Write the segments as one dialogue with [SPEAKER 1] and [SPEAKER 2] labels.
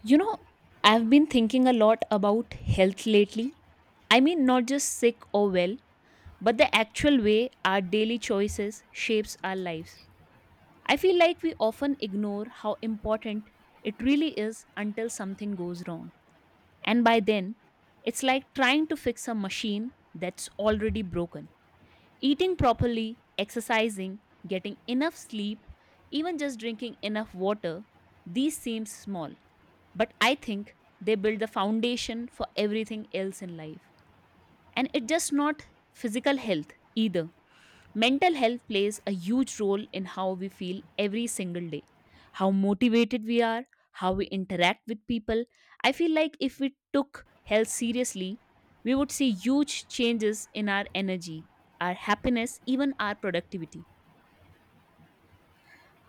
[SPEAKER 1] You know, I've been thinking a lot about health lately. I mean, not just sick or well, but the actual way our daily choices shapes our lives. I feel like we often ignore how important it really is until something goes wrong. And by then, it's like trying to fix a machine that's already broken. Eating properly, exercising, getting enough sleep, even just drinking enough water, these seem small but I think they build the foundation for everything else in life, and it's just not physical health either. Mental health plays a huge role in how we feel every single day, how motivated we are, how we interact with people. I feel like if we took health seriously, we would see huge changes in our energy, our happiness, even our productivity.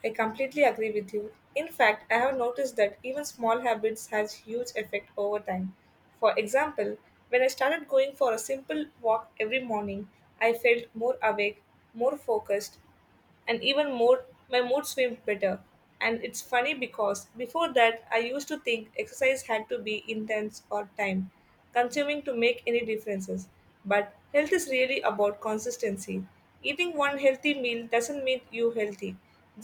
[SPEAKER 2] I completely agree with you. In fact, I have noticed that even small habits has huge effect over time. For example, when I started going for a simple walk every morning, I felt more awake, more focused, and even more my mood swings better. And it's funny because before that I used to think exercise had to be intense or time consuming to make any differences. But health is really about consistency. Eating one healthy meal doesn't mean you healthy,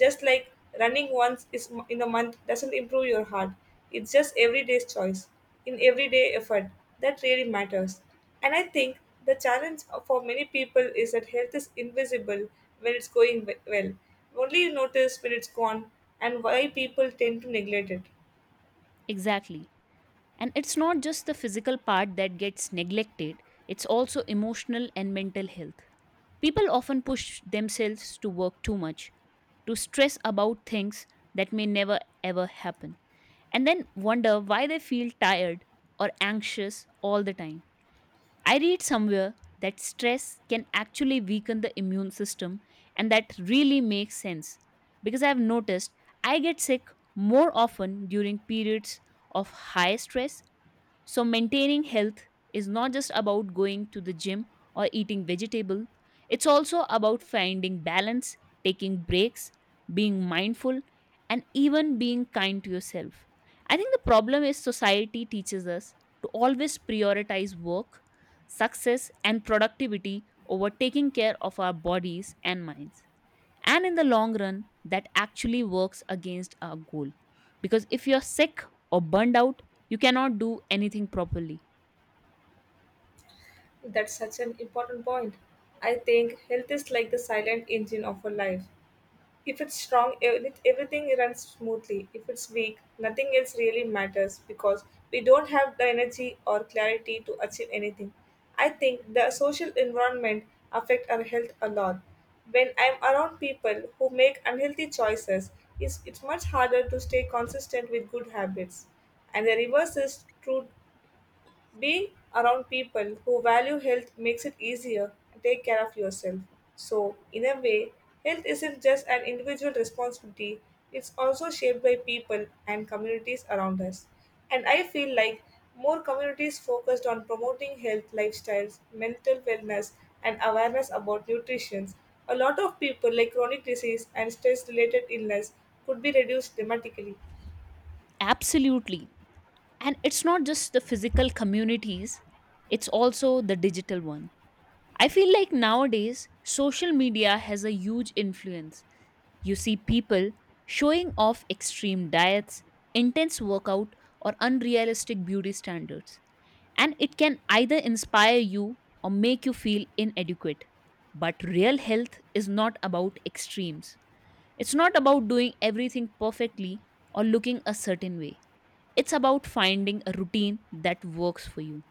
[SPEAKER 2] just like running once is in a month doesn't improve your heart. It's just everyday's choice in everyday effort that really matters. And I think the challenge for many people is that health is invisible when it's going well. Only you notice when it's gone and why people tend to neglect it.
[SPEAKER 1] Exactly. And it's not just the physical part that gets neglected, it's also emotional and mental health. People often push themselves to work too much, to stress about things that may never ever happen, and then wonder why they feel tired or anxious all the time. I read somewhere that stress can actually weaken the immune system, and that really makes sense because I've noticed I get sick more often during periods of high stress. So, maintaining health is not just about going to the gym or eating vegetable, it's also about finding balance, taking breaks, being mindful, and even being kind to yourself. I think the problem is society teaches us to always prioritize work, success, and productivity over taking care of our bodies and minds, and in the long run that actually works against our goal, because if you're sick or burned out you cannot do anything properly.
[SPEAKER 2] That's such an important point. I think health is like the silent engine of a life. If it's strong, everything runs smoothly. If it's weak, nothing else really matters because we don't have the energy or clarity to achieve anything. I think the social environment affect our health a lot. When I'm around people who make unhealthy choices, it's much harder to stay consistent with good habits. And the reverse is true being around people who value health makes it easier to take care of yourself. So, in a way, health isn't just an individual responsibility, it's also shaped by people and communities around us. And I feel like more communities focused on promoting health lifestyles, mental wellness, and awareness about nutrition. A lot of people, like chronic disease and stress related illness, could be reduced dramatically.
[SPEAKER 1] Absolutely. And it's not just the physical communities, it's also the digital one. I feel like nowadays social media has a huge influence. You see people showing off extreme diets, intense workout, or unrealistic beauty standards, and it can either inspire you or make you feel inadequate. But real health is not about extremes. It's not about doing everything perfectly or looking a certain way. It's about finding a routine that works for you,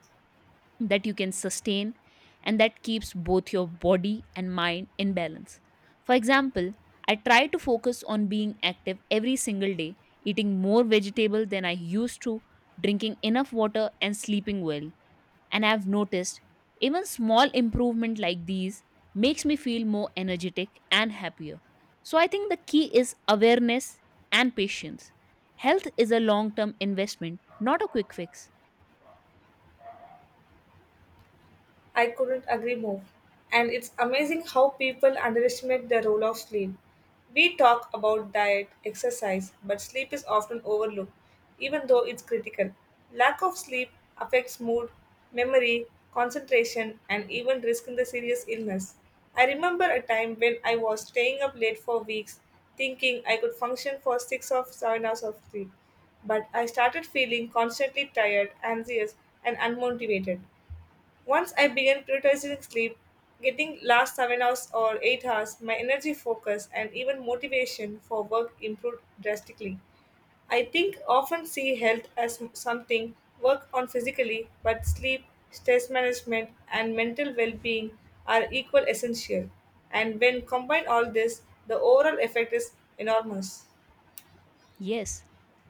[SPEAKER 1] that you can sustain, and that keeps both your body and mind in balance. For example, I try to focus on being active every single day, eating more vegetable than I used to, drinking enough water, and sleeping well, and I've noticed even small improvement like these makes me feel more energetic and happier. So I think the key is awareness and patience. Health is a long-term investment, not a quick fix.
[SPEAKER 2] I couldn't agree more. And it's amazing how people underestimate the role of sleep. We talk about diet, exercise, but sleep is often overlooked, even though it's critical. Lack of sleep affects mood, memory, concentration, and even risk in the serious illness. I remember a time when I was staying up late for weeks, thinking I could function for 6 or 7 hours of sleep. But I started feeling constantly tired, anxious, and unmotivated. Once I began prioritizing sleep, getting last 7 hours or 8 hours, my energy focus and even motivation for work improved drastically. I think often see health as something work on physically, but sleep, stress management, and mental well being are equal essential. And when combine all this, the overall effect is enormous.
[SPEAKER 1] Yes,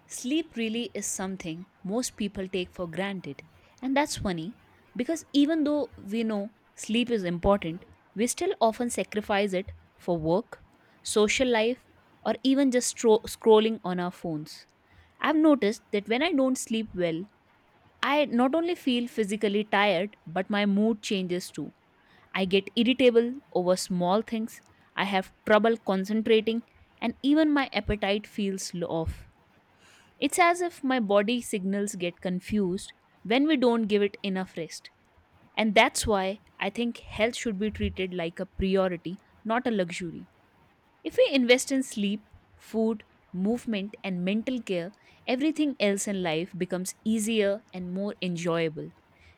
[SPEAKER 1] sleep really is something most people take for granted. And that's funny because even though we know sleep is important, we still often sacrifice it for work, social life, or even just scrolling on our phones. I've noticed that when I don't sleep well, I not only feel physically tired, but my mood changes too. I get irritable over small things, I have trouble concentrating, and even my appetite feels off. It's as if my body signals get confused when we don't give it enough rest. And that's why I think health should be treated like a priority, not a luxury. If we invest in sleep, food, movement, and mental care, everything else in life becomes easier and more enjoyable.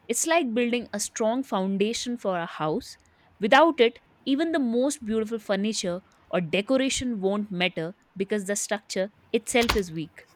[SPEAKER 1] It's like building a strong foundation for a house. Without it, even the most beautiful furniture or decoration won't matter because the structure itself is weak.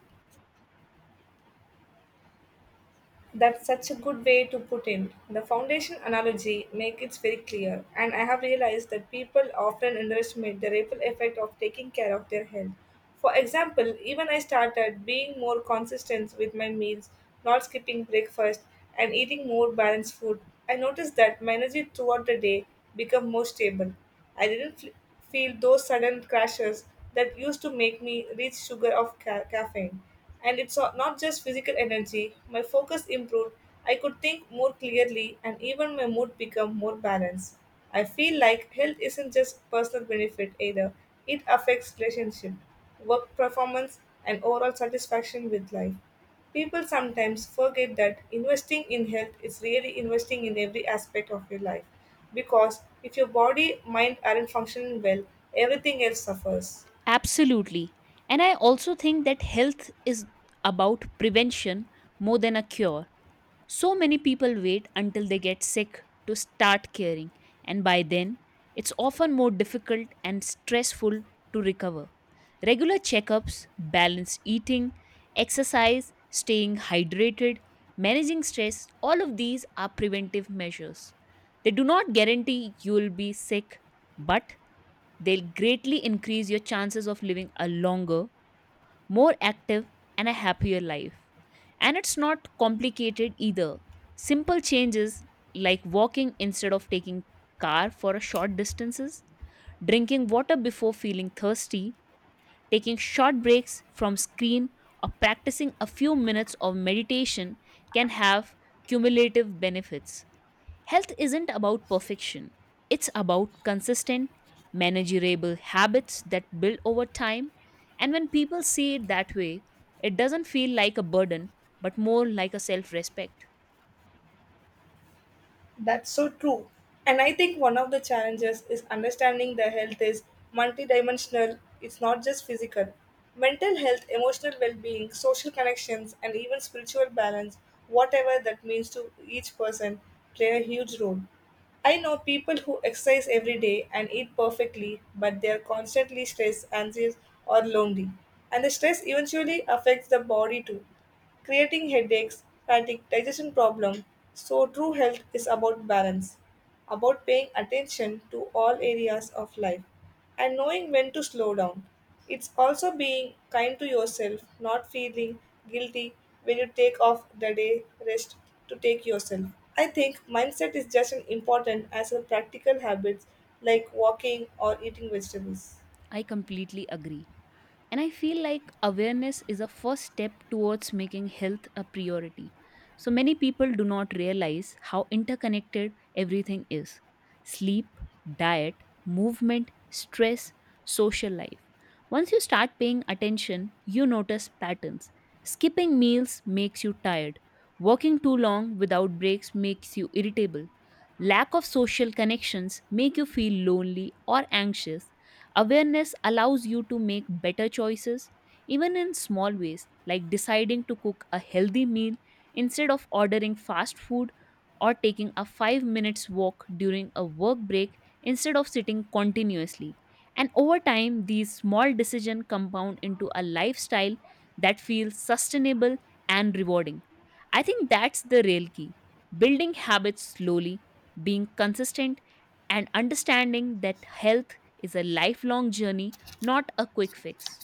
[SPEAKER 2] That's such a good way to put it. The foundation analogy makes it very clear, and I have realized that people often underestimate the ripple effect of taking care of their health. For example, even I started being more consistent with my meals, not skipping breakfast, and eating more balanced food. I noticed that my energy throughout the day became more stable. I didn't feel those sudden crashes that used to make me reach sugar of caffeine. And it's not just physical energy. My focus improved. I could think more clearly and even my mood became more balanced. I feel like health isn't just personal benefit either. It affects relationship, work performance and overall satisfaction with life. People sometimes forget that investing in health is really investing in every aspect of your life because if your body mind aren't functioning well everything else suffers.
[SPEAKER 1] Absolutely. And I also think that health is about prevention more than a cure. So many people wait until they get sick to start caring, and by then, it's often more difficult and stressful to recover. Regular checkups, balanced eating, exercise, staying hydrated, managing stress, all of these are preventive measures. They do not guarantee you will be sick, but they'll greatly increase your chances of living a longer, more active, and a happier life. And it's not complicated either. Simple changes like walking instead of taking car for a short distances, drinking water before feeling thirsty, taking short breaks from screen, or practicing a few minutes of meditation can have cumulative benefits. Health isn't about perfection, it's about consistent, manageable habits that build over time. And when people see it that way, it doesn't feel like a burden, but more like a self respect.
[SPEAKER 2] That's so true. And I think one of the challenges is understanding the health is multidimensional, it's not just physical. Mental health, emotional well being, social connections, and even spiritual balance, whatever that means to each person, play a huge role. I know people who exercise every day and eat perfectly, but they are constantly stressed, anxious, or lonely. And the stress eventually affects the body too creating headaches, fatigue, digestion problem. So true health is about balance, about paying attention to all areas of life and knowing when to slow down. It's also being kind to yourself, not feeling guilty when you take off the day rest to take yourself. I think mindset is just as important as the practical habits like walking or eating vegetables.
[SPEAKER 1] I completely agree. And I feel like awareness is a first step towards making health a priority. So many people do not realize how interconnected everything is: sleep, diet, movement, stress, social life. Once you start paying attention, you notice patterns. Skipping meals makes you tired. Working too long without breaks makes you irritable. Lack of social connections make you feel lonely or anxious. Awareness allows you to make better choices, even in small ways, like deciding to cook a healthy meal instead of ordering fast food, or taking a 5 minutes walk during a work break instead of sitting continuously. And over time, these small decisions compound into a lifestyle that feels sustainable and rewarding. I think that's the real key: building habits slowly, being consistent, and understanding that health is a lifelong journey, not a quick fix.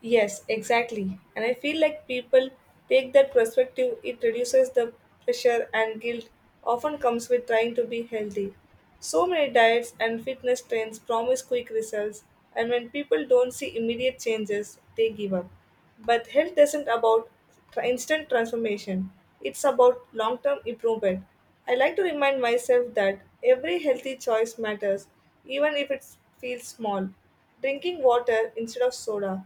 [SPEAKER 2] Yes, exactly. And I feel like people take that perspective, it reduces the pressure and guilt often comes with trying to be healthy. So many diets and fitness trends promise quick results, and when people don't see immediate changes, they give up. But health isn't about instant transformation, it's about long term improvement. I like to remind myself that every healthy choice matters, even if it feels small. Drinking water instead of soda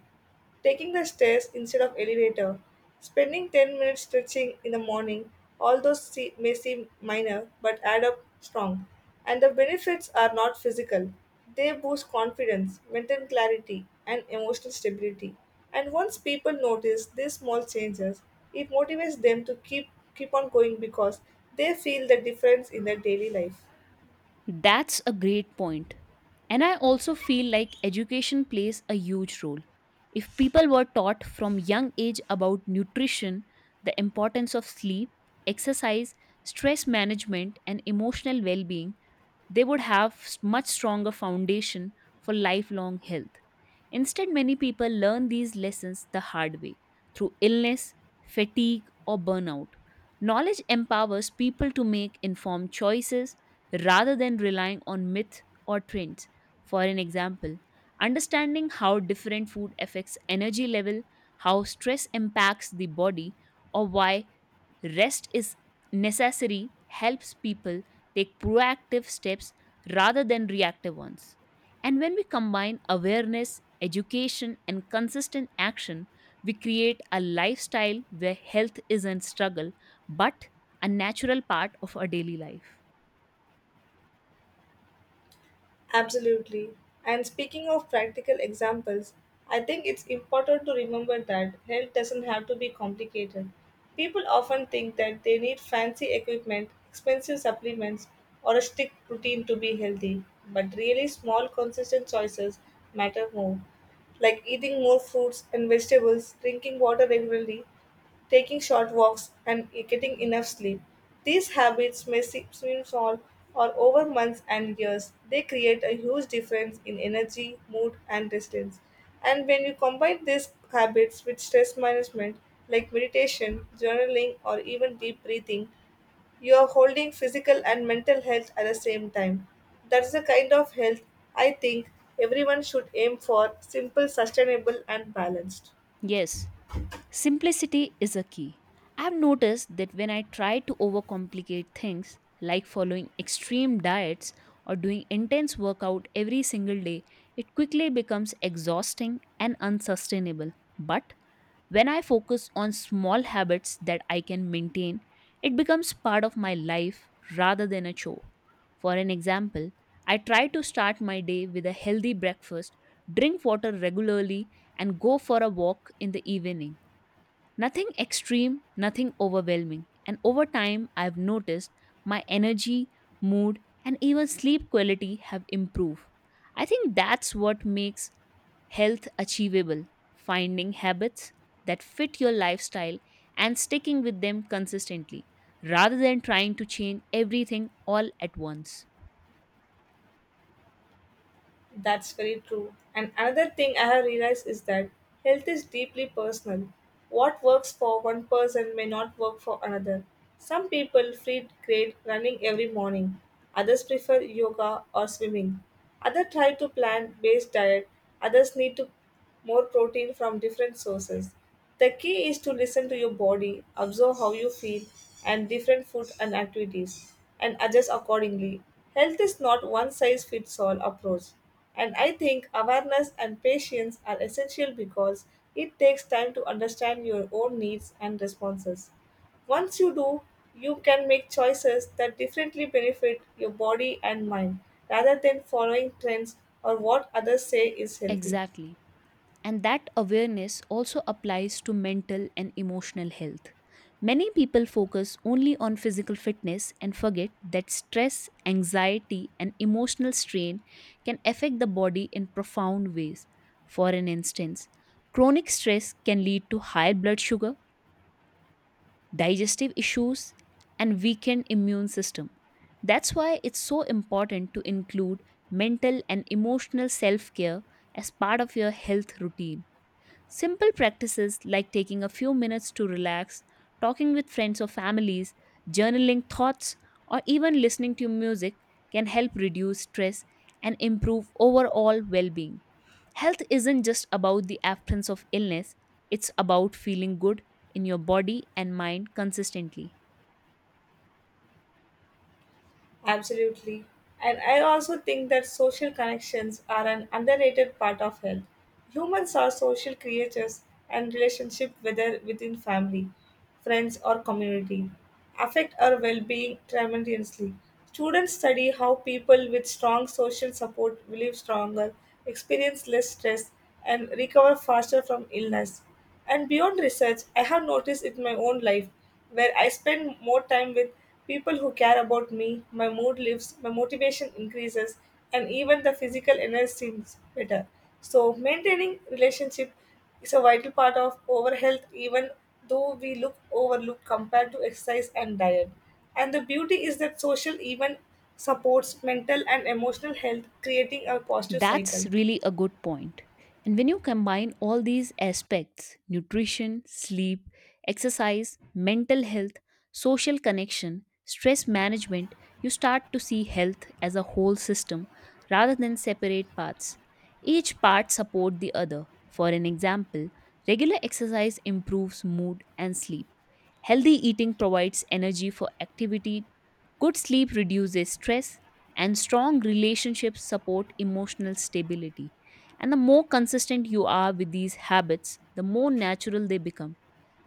[SPEAKER 2] taking the stairs instead of elevator, spending 10 minutes stretching in the morning, all those may seem minor but add up strong. And the benefits are not physical. They boost confidence, mental clarity, and emotional stability. And once people notice these small changes, it motivates them to keep on going because they feel the difference in their daily life.
[SPEAKER 1] That's a great point. And I also feel like education plays a huge role. If people were taught from young age about nutrition, the importance of sleep, exercise, stress management and emotional well-being, they would have much stronger foundation for lifelong health. Instead, many people learn these lessons the hard way, through illness, fatigue or burnout. Knowledge empowers people to make informed choices rather than relying on myth or trends. For an example, understanding how different food affects energy level, how stress impacts the body, or why rest is necessary helps people take proactive steps rather than reactive ones. And when we combine awareness, education, and consistent action, we create a lifestyle where health isn't struggle but a natural part of our daily life.
[SPEAKER 2] Absolutely. And speaking of practical examples, I think it's important to remember that health doesn't have to be complicated. People often think that they need fancy equipment, expensive supplements, or a strict routine to be healthy, but really small, consistent choices matter more like eating more fruits and vegetables, drinking water regularly, taking short walks, and getting enough sleep. These habits may seem small or over months and years, they create a huge difference in energy, mood, and resilience. And when you combine these habits with stress management, like meditation, journaling, or even deep breathing, you're holding physical and mental health at the same time. That's the kind of health I think everyone should aim for simple, sustainable, and balanced.
[SPEAKER 1] Yes, simplicity is a key. I've noticed that when I try to overcomplicate things, like following extreme diets or doing intense workout every single day, it quickly becomes exhausting and unsustainable. But when I focus on small habits that I can maintain, it becomes part of my life rather than a chore. For an example, I try to start my day with a healthy breakfast, drink water regularly, and go for a walk in the evening. Nothing extreme, nothing overwhelming. And over time, I've noticed my energy, mood, and even sleep quality have improved. I think that's what makes health achievable: finding habits that fit your lifestyle and sticking with them consistently rather than trying to change everything all at once.
[SPEAKER 2] That's very true. And another thing I have realized is that health is deeply personal. What works for one person may not work for another. Some people feel great running every morning, others prefer yoga or swimming. Others try to plant based diet, others need to more protein from different sources. The key is to listen to your body, observe how you feel, and different food and activities, and adjust accordingly. Health is not one size fits all approach. And I think awareness and patience are essential because it takes time to understand your own needs and responses. Once you do, you can make choices that differently benefit your body and mind rather than following trends or what others say is healthy.
[SPEAKER 1] Exactly. And that awareness also applies to mental and emotional health. Many people focus only on physical fitness and forget that stress, anxiety, and emotional strain can affect the body in profound ways. For an instance, chronic stress can lead to high blood sugar, digestive issues, and weakened immune system. That's why it's so important to include mental and emotional self care as part of your health routine. Simple practices like taking a few minutes to relax, talking with friends or families, journaling thoughts, or even listening to music can help reduce stress and improve overall well being. Health isn't just about the absence of illness, it's about feeling good in your body and mind consistently.
[SPEAKER 2] Absolutely. And I also think that social connections are an underrated part of health. Humans are social creatures and relationship whether within family, friends or community affect our well-being tremendously. Students study how people with strong social support live stronger, experience less stress and recover faster from illness. And beyond research, I have noticed it in my own life where I spend more time with people who care about me, my mood lifts, my motivation increases, and even the physical energy seems better. So maintaining relationship is a vital part of our health even though we look overlooked compared to exercise and diet. And the beauty is that social even supports mental and emotional health, creating a positive
[SPEAKER 1] That's
[SPEAKER 2] cycle.
[SPEAKER 1] really a good point. And when you combine all these aspects, nutrition, sleep, exercise, mental health, social connection, stress management, you start to see health as a whole system rather than separate parts. Each part supports the other. For an example, regular exercise improves mood and sleep. Healthy eating provides energy for activity. Good sleep reduces stress, and strong relationships support emotional stability. And the more consistent you are with these habits, the more natural they become,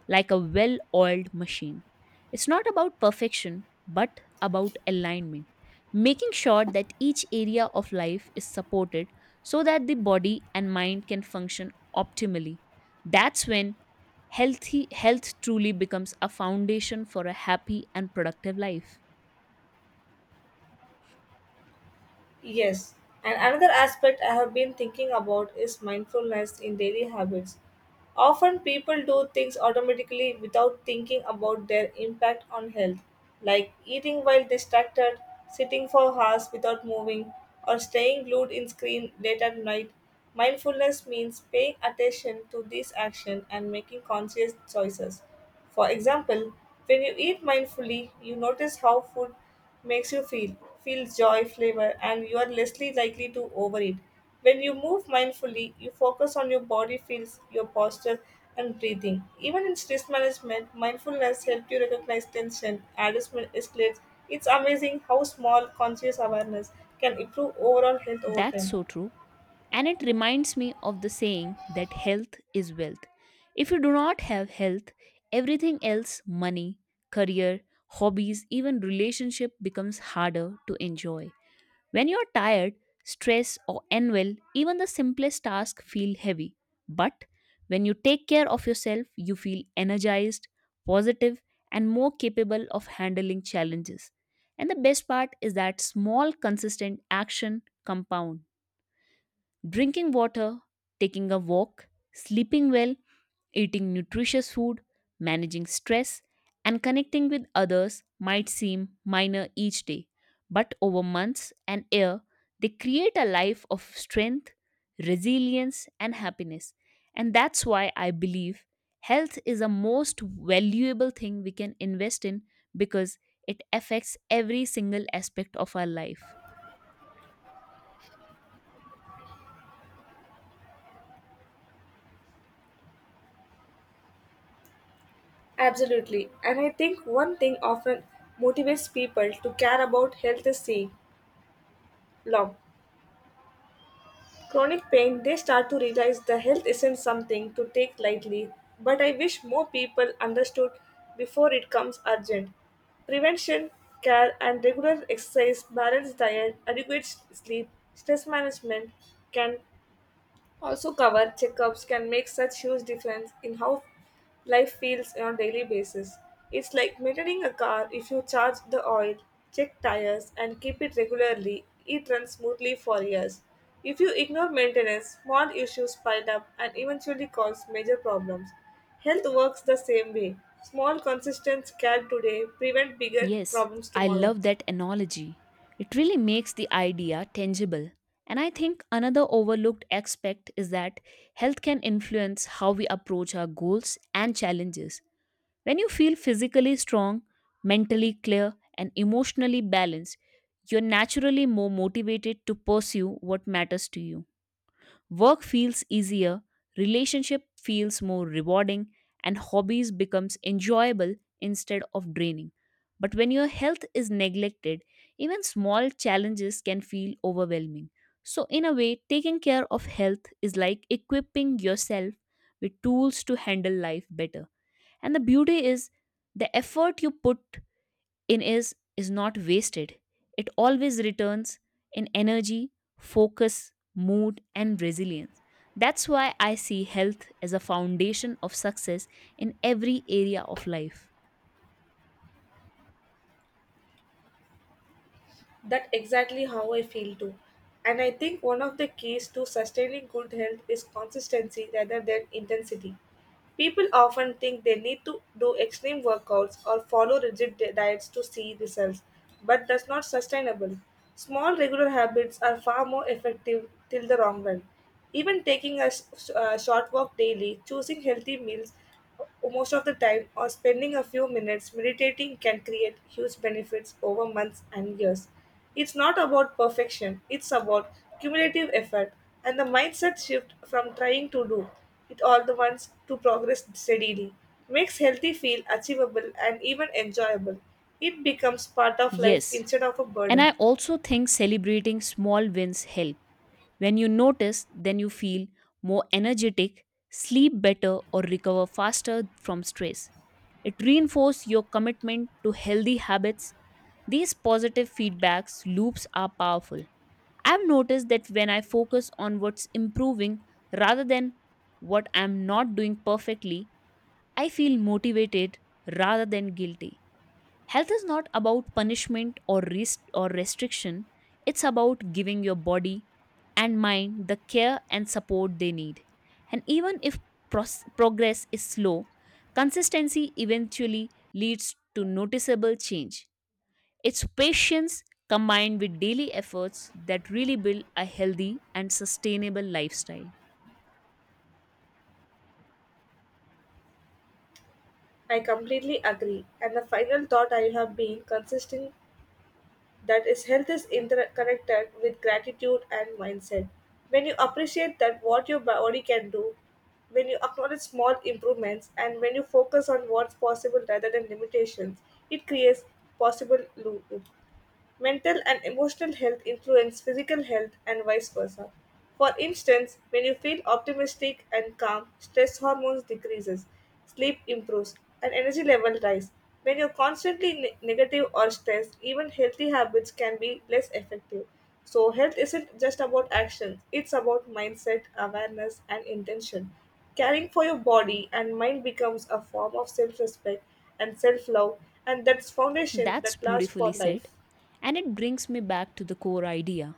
[SPEAKER 1] like a well oiled machine. It's not about perfection, but about alignment, making sure that each area of life is supported so that the body and mind can function optimally. That's when healthy health truly becomes a foundation for a happy and productive life.
[SPEAKER 2] Yes, and another aspect I have been thinking about is mindfulness in daily habits. Often people do things automatically without thinking about their impact on health, like eating while distracted, sitting for hours without moving, or staying glued in screen late at night. Mindfulness means paying attention to these actions and making conscious choices for example, when you eat mindfully, you notice how food makes you feel, feel joy, flavor, and you are less likely to overeat. When you move mindfully, you focus on your body feels, your posture, and breathing. Even in stress management, mindfulness helps you recognize tension, adjustment escalates. It's amazing how small conscious awareness can improve overall health over
[SPEAKER 1] That's
[SPEAKER 2] time.
[SPEAKER 1] so true. And it reminds me of the saying that health is wealth. If you do not have health, everything else, money, career, hobbies, even relationship becomes harder to enjoy. When you're tired, stressed, or unwell, even the simplest tasks feel heavy. But when you take care of yourself, you feel energized, positive, and more capable of handling challenges. And the best part is that small, consistent action compound. Drinking water, taking a walk, sleeping well, eating nutritious food, managing stress, and connecting with others might seem minor each day, but over months and year, they create a life of strength, resilience, and happiness. And that's why I believe health is a most valuable thing we can invest in, because it affects every single aspect of our life.
[SPEAKER 2] Absolutely. And I think one thing often motivates people to care about health is seeing love. Chronic pain, they start to realize the health isn't something to take lightly, but I wish more people understood before it comes urgent. Prevention, care, and regular exercise, balanced diet, adequate sleep, stress management can also, cover checkups can make such huge difference in how life feels on a daily basis. It's like maintaining a car if you charge the oil, check tires, and keep it regularly, it runs smoothly for years. If you ignore maintenance, small issues pile up and eventually cause major problems. Health works the same way. Small consistent care today prevent bigger
[SPEAKER 1] Yes,
[SPEAKER 2] problems
[SPEAKER 1] I
[SPEAKER 2] tomorrow.
[SPEAKER 1] love that analogy. It really makes the idea tangible. And I think another overlooked aspect is that health can influence how we approach our goals and challenges. When you feel physically strong, mentally clear, and emotionally balanced, you're naturally more motivated to pursue what matters to you. Work feels easier, relationship feels more rewarding, and hobbies becomes enjoyable instead of draining. But when your health is neglected, even small challenges can feel overwhelming. So in a way, taking care of health is like equipping yourself with tools to handle life better. And the beauty is the effort you put in is not wasted. It always returns in energy, focus, mood, and resilience. That's why I see health as a foundation of success in every area of life.
[SPEAKER 2] That exactly how I feel too. And I think one of the keys to sustaining good health is consistency rather than intensity. People often think they need to do extreme workouts or follow rigid diets to see results, but that's not sustainable. Small regular habits are far more effective till the long run. Even taking a short walk daily, choosing healthy meals, most of the time, or spending a few minutes meditating can create huge benefits over months and years. It's not about perfection, it's about cumulative effort and the mindset shift from trying to do it all the once to progress steadily. Makes healthy feel achievable and even enjoyable. It becomes part of life
[SPEAKER 1] Yes,
[SPEAKER 2] instead of a
[SPEAKER 1] and I
[SPEAKER 2] burden.
[SPEAKER 1] also think celebrating small wins help. When you notice, then you feel more energetic, sleep better, or recover faster from stress. It reinforces your commitment to healthy habits. These positive feedbacks loops are powerful. I've noticed that when I focus on what's improving rather than what I'm not doing perfectly, I feel motivated rather than guilty. Health is not about punishment or or restriction. It's about giving your body and mind the care and support they need. And even if progress is slow, consistency eventually leads to noticeable change. It's patience combined with daily efforts that really build a healthy and sustainable lifestyle.
[SPEAKER 2] I completely agree. And the final thought I have been consistent that is health is interconnected with gratitude and mindset when you appreciate that what your body can do when you acknowledge small improvements and when you focus on what's possible rather than limitations it creates possible loop. Mental and emotional health influence physical health and vice versa. For instance, when you feel optimistic and calm, stress hormones decreases, sleep improves, and energy level rise. When you're constantly negative or stressed, even healthy habits can be less effective. So health isn't just about actions, it's about mindset, awareness, and intention. Caring for your body and mind becomes a form of self-respect and self-love, and that's foundation
[SPEAKER 1] That's
[SPEAKER 2] that lasts for
[SPEAKER 1] beautifully said.
[SPEAKER 2] life.
[SPEAKER 1] And it brings me back to the core idea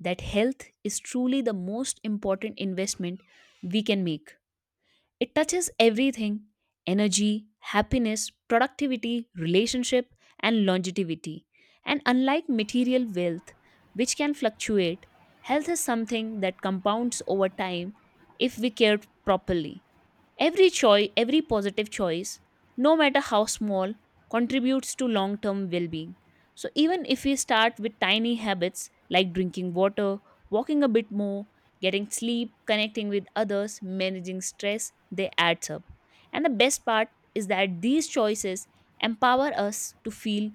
[SPEAKER 1] that health is truly the most important investment we can make. It touches everything: energy, happiness, productivity, relationship, and longevity. And unlike material wealth, which can fluctuate, health is something that compounds over time if we care properly. Every choice, every positive choice, no matter how small, contributes to long-term well-being. So even if we start with tiny habits like drinking water, walking a bit more, getting sleep, connecting with others, managing stress, they adds up. And the best part is that these choices empower us to feel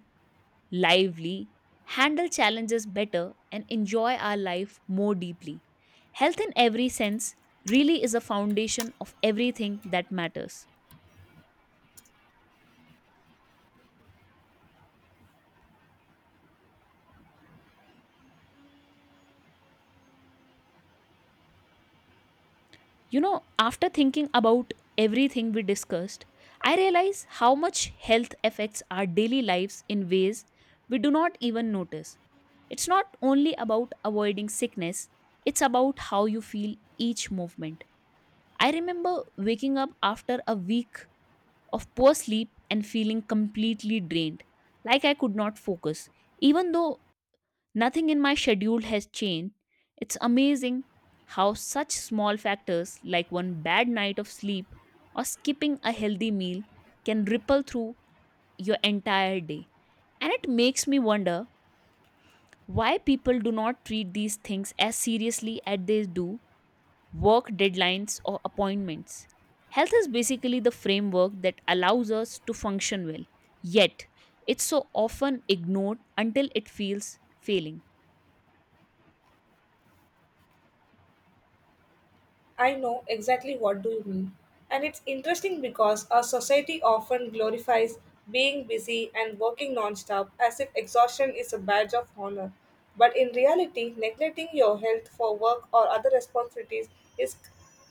[SPEAKER 1] lively, handle challenges better, and enjoy our life more deeply. Health in every sense really is a foundation of everything that matters. You know, after thinking about everything we discussed, I realize how much health affects our daily lives in ways we do not even notice. It's not only about avoiding sickness, it's about how you feel each movement. I remember waking up after a week of poor sleep and feeling completely drained, like I could not focus. Even though nothing in my schedule has changed, it's amazing how such small factors like one bad night of sleep or skipping a healthy meal can ripple through your entire day. And it makes me wonder why people do not treat these things as seriously as they do work deadlines, or appointments. Health is basically the framework that allows us to function well, yet, it's so often ignored until it feels failing.
[SPEAKER 2] I know exactly what do you mean. And it's interesting because our society often glorifies being busy and working nonstop as if exhaustion is a badge of honor. But in reality, neglecting your health for work or other responsibilities is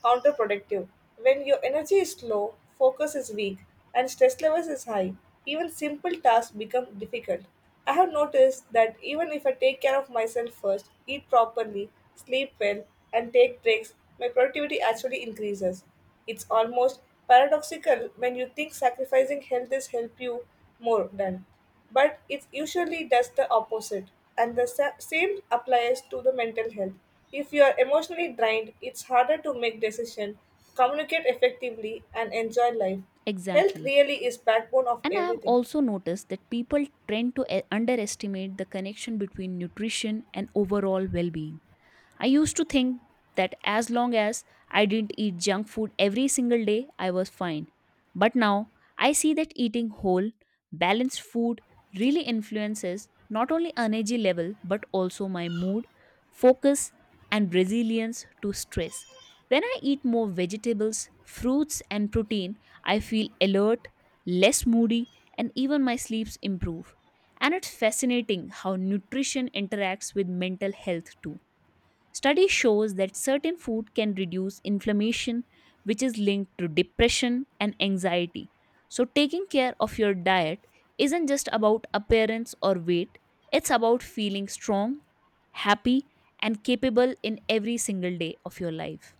[SPEAKER 2] counterproductive. When your energy is low, focus is weak, and stress levels is high, even simple tasks become difficult. I have noticed that even if I take care of myself first, eat properly, sleep well, and take breaks, my productivity actually increases. It's almost paradoxical when you think sacrificing health is help you more than but it usually does the opposite. And the same applies to the mental health. If you are emotionally drained, it's harder to make decisions, communicate effectively, and enjoy life. Health
[SPEAKER 1] Exactly.
[SPEAKER 2] really is backbone of
[SPEAKER 1] And I have
[SPEAKER 2] everything.
[SPEAKER 1] also noticed that people tend to underestimate the connection between nutrition and overall well being. I used to think that as long as I didn't eat junk food every single day, I was fine. But now I see that eating whole, balanced food really influences not only energy level but also my mood, focus, and resilience to stress. When I eat more vegetables, fruits, and protein, I feel alert, less moody, and even my sleeps improve. And it's fascinating how nutrition interacts with mental health too. Study shows that certain food can reduce inflammation, which is linked to depression and anxiety. So, taking care of your diet isn't just about appearance or weight, it's about feeling strong, happy, and capable in every single day of your life.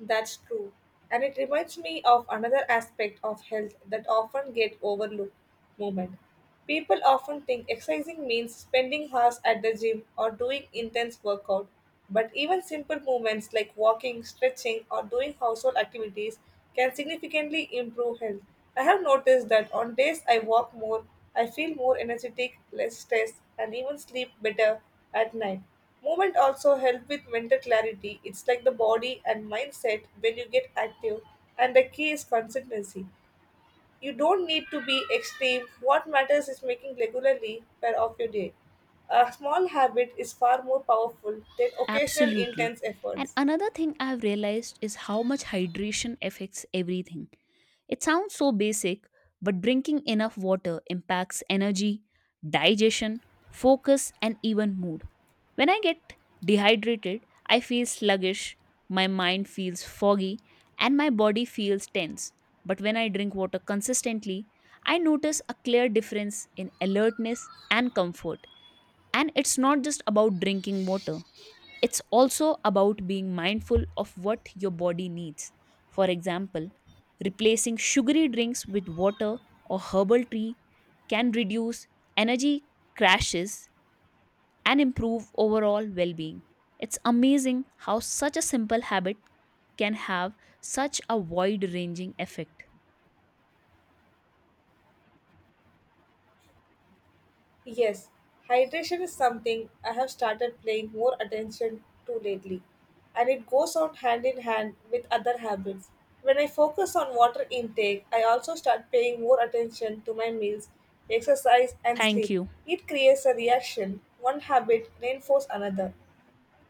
[SPEAKER 2] That's true. And it reminds me of another aspect of health that often get overlooked movement. People often think exercising means spending hours at the gym or doing intense workout. But even simple movements like walking, stretching, or doing household activities can significantly improve health. I have noticed that on days I walk more, I feel more energetic, less stressed, and even sleep better at night. Movement also help with mental clarity. It's like the body and mindset when you get active, and the key is consistency. You don't need to be extreme. What matters is making regularly part of your day. A small habit is far more powerful than occasional
[SPEAKER 1] Absolutely.
[SPEAKER 2] intense
[SPEAKER 1] And
[SPEAKER 2] efforts.
[SPEAKER 1] another thing I've realized is how much hydration affects everything. It sounds so basic, but drinking enough water impacts energy, digestion, focus, and even mood. When I get dehydrated, I feel sluggish, my mind feels foggy, and my body feels tense. But when I drink water consistently, I notice a clear difference in alertness and comfort. And it's not just about drinking water. It's also about being mindful of what your body needs. For example, replacing sugary drinks with water or herbal tea can reduce energy crashes and improve overall well being. It's amazing how such a simple habit can have such a wide ranging effect.
[SPEAKER 2] Yes, hydration is something I have started paying more attention to lately, and it goes on hand in hand with other habits. When I focus on water intake, I also start paying more attention to my meals, exercise, and
[SPEAKER 1] Thank
[SPEAKER 2] sleep.
[SPEAKER 1] you.
[SPEAKER 2] It creates a reaction. One habit reinforces another.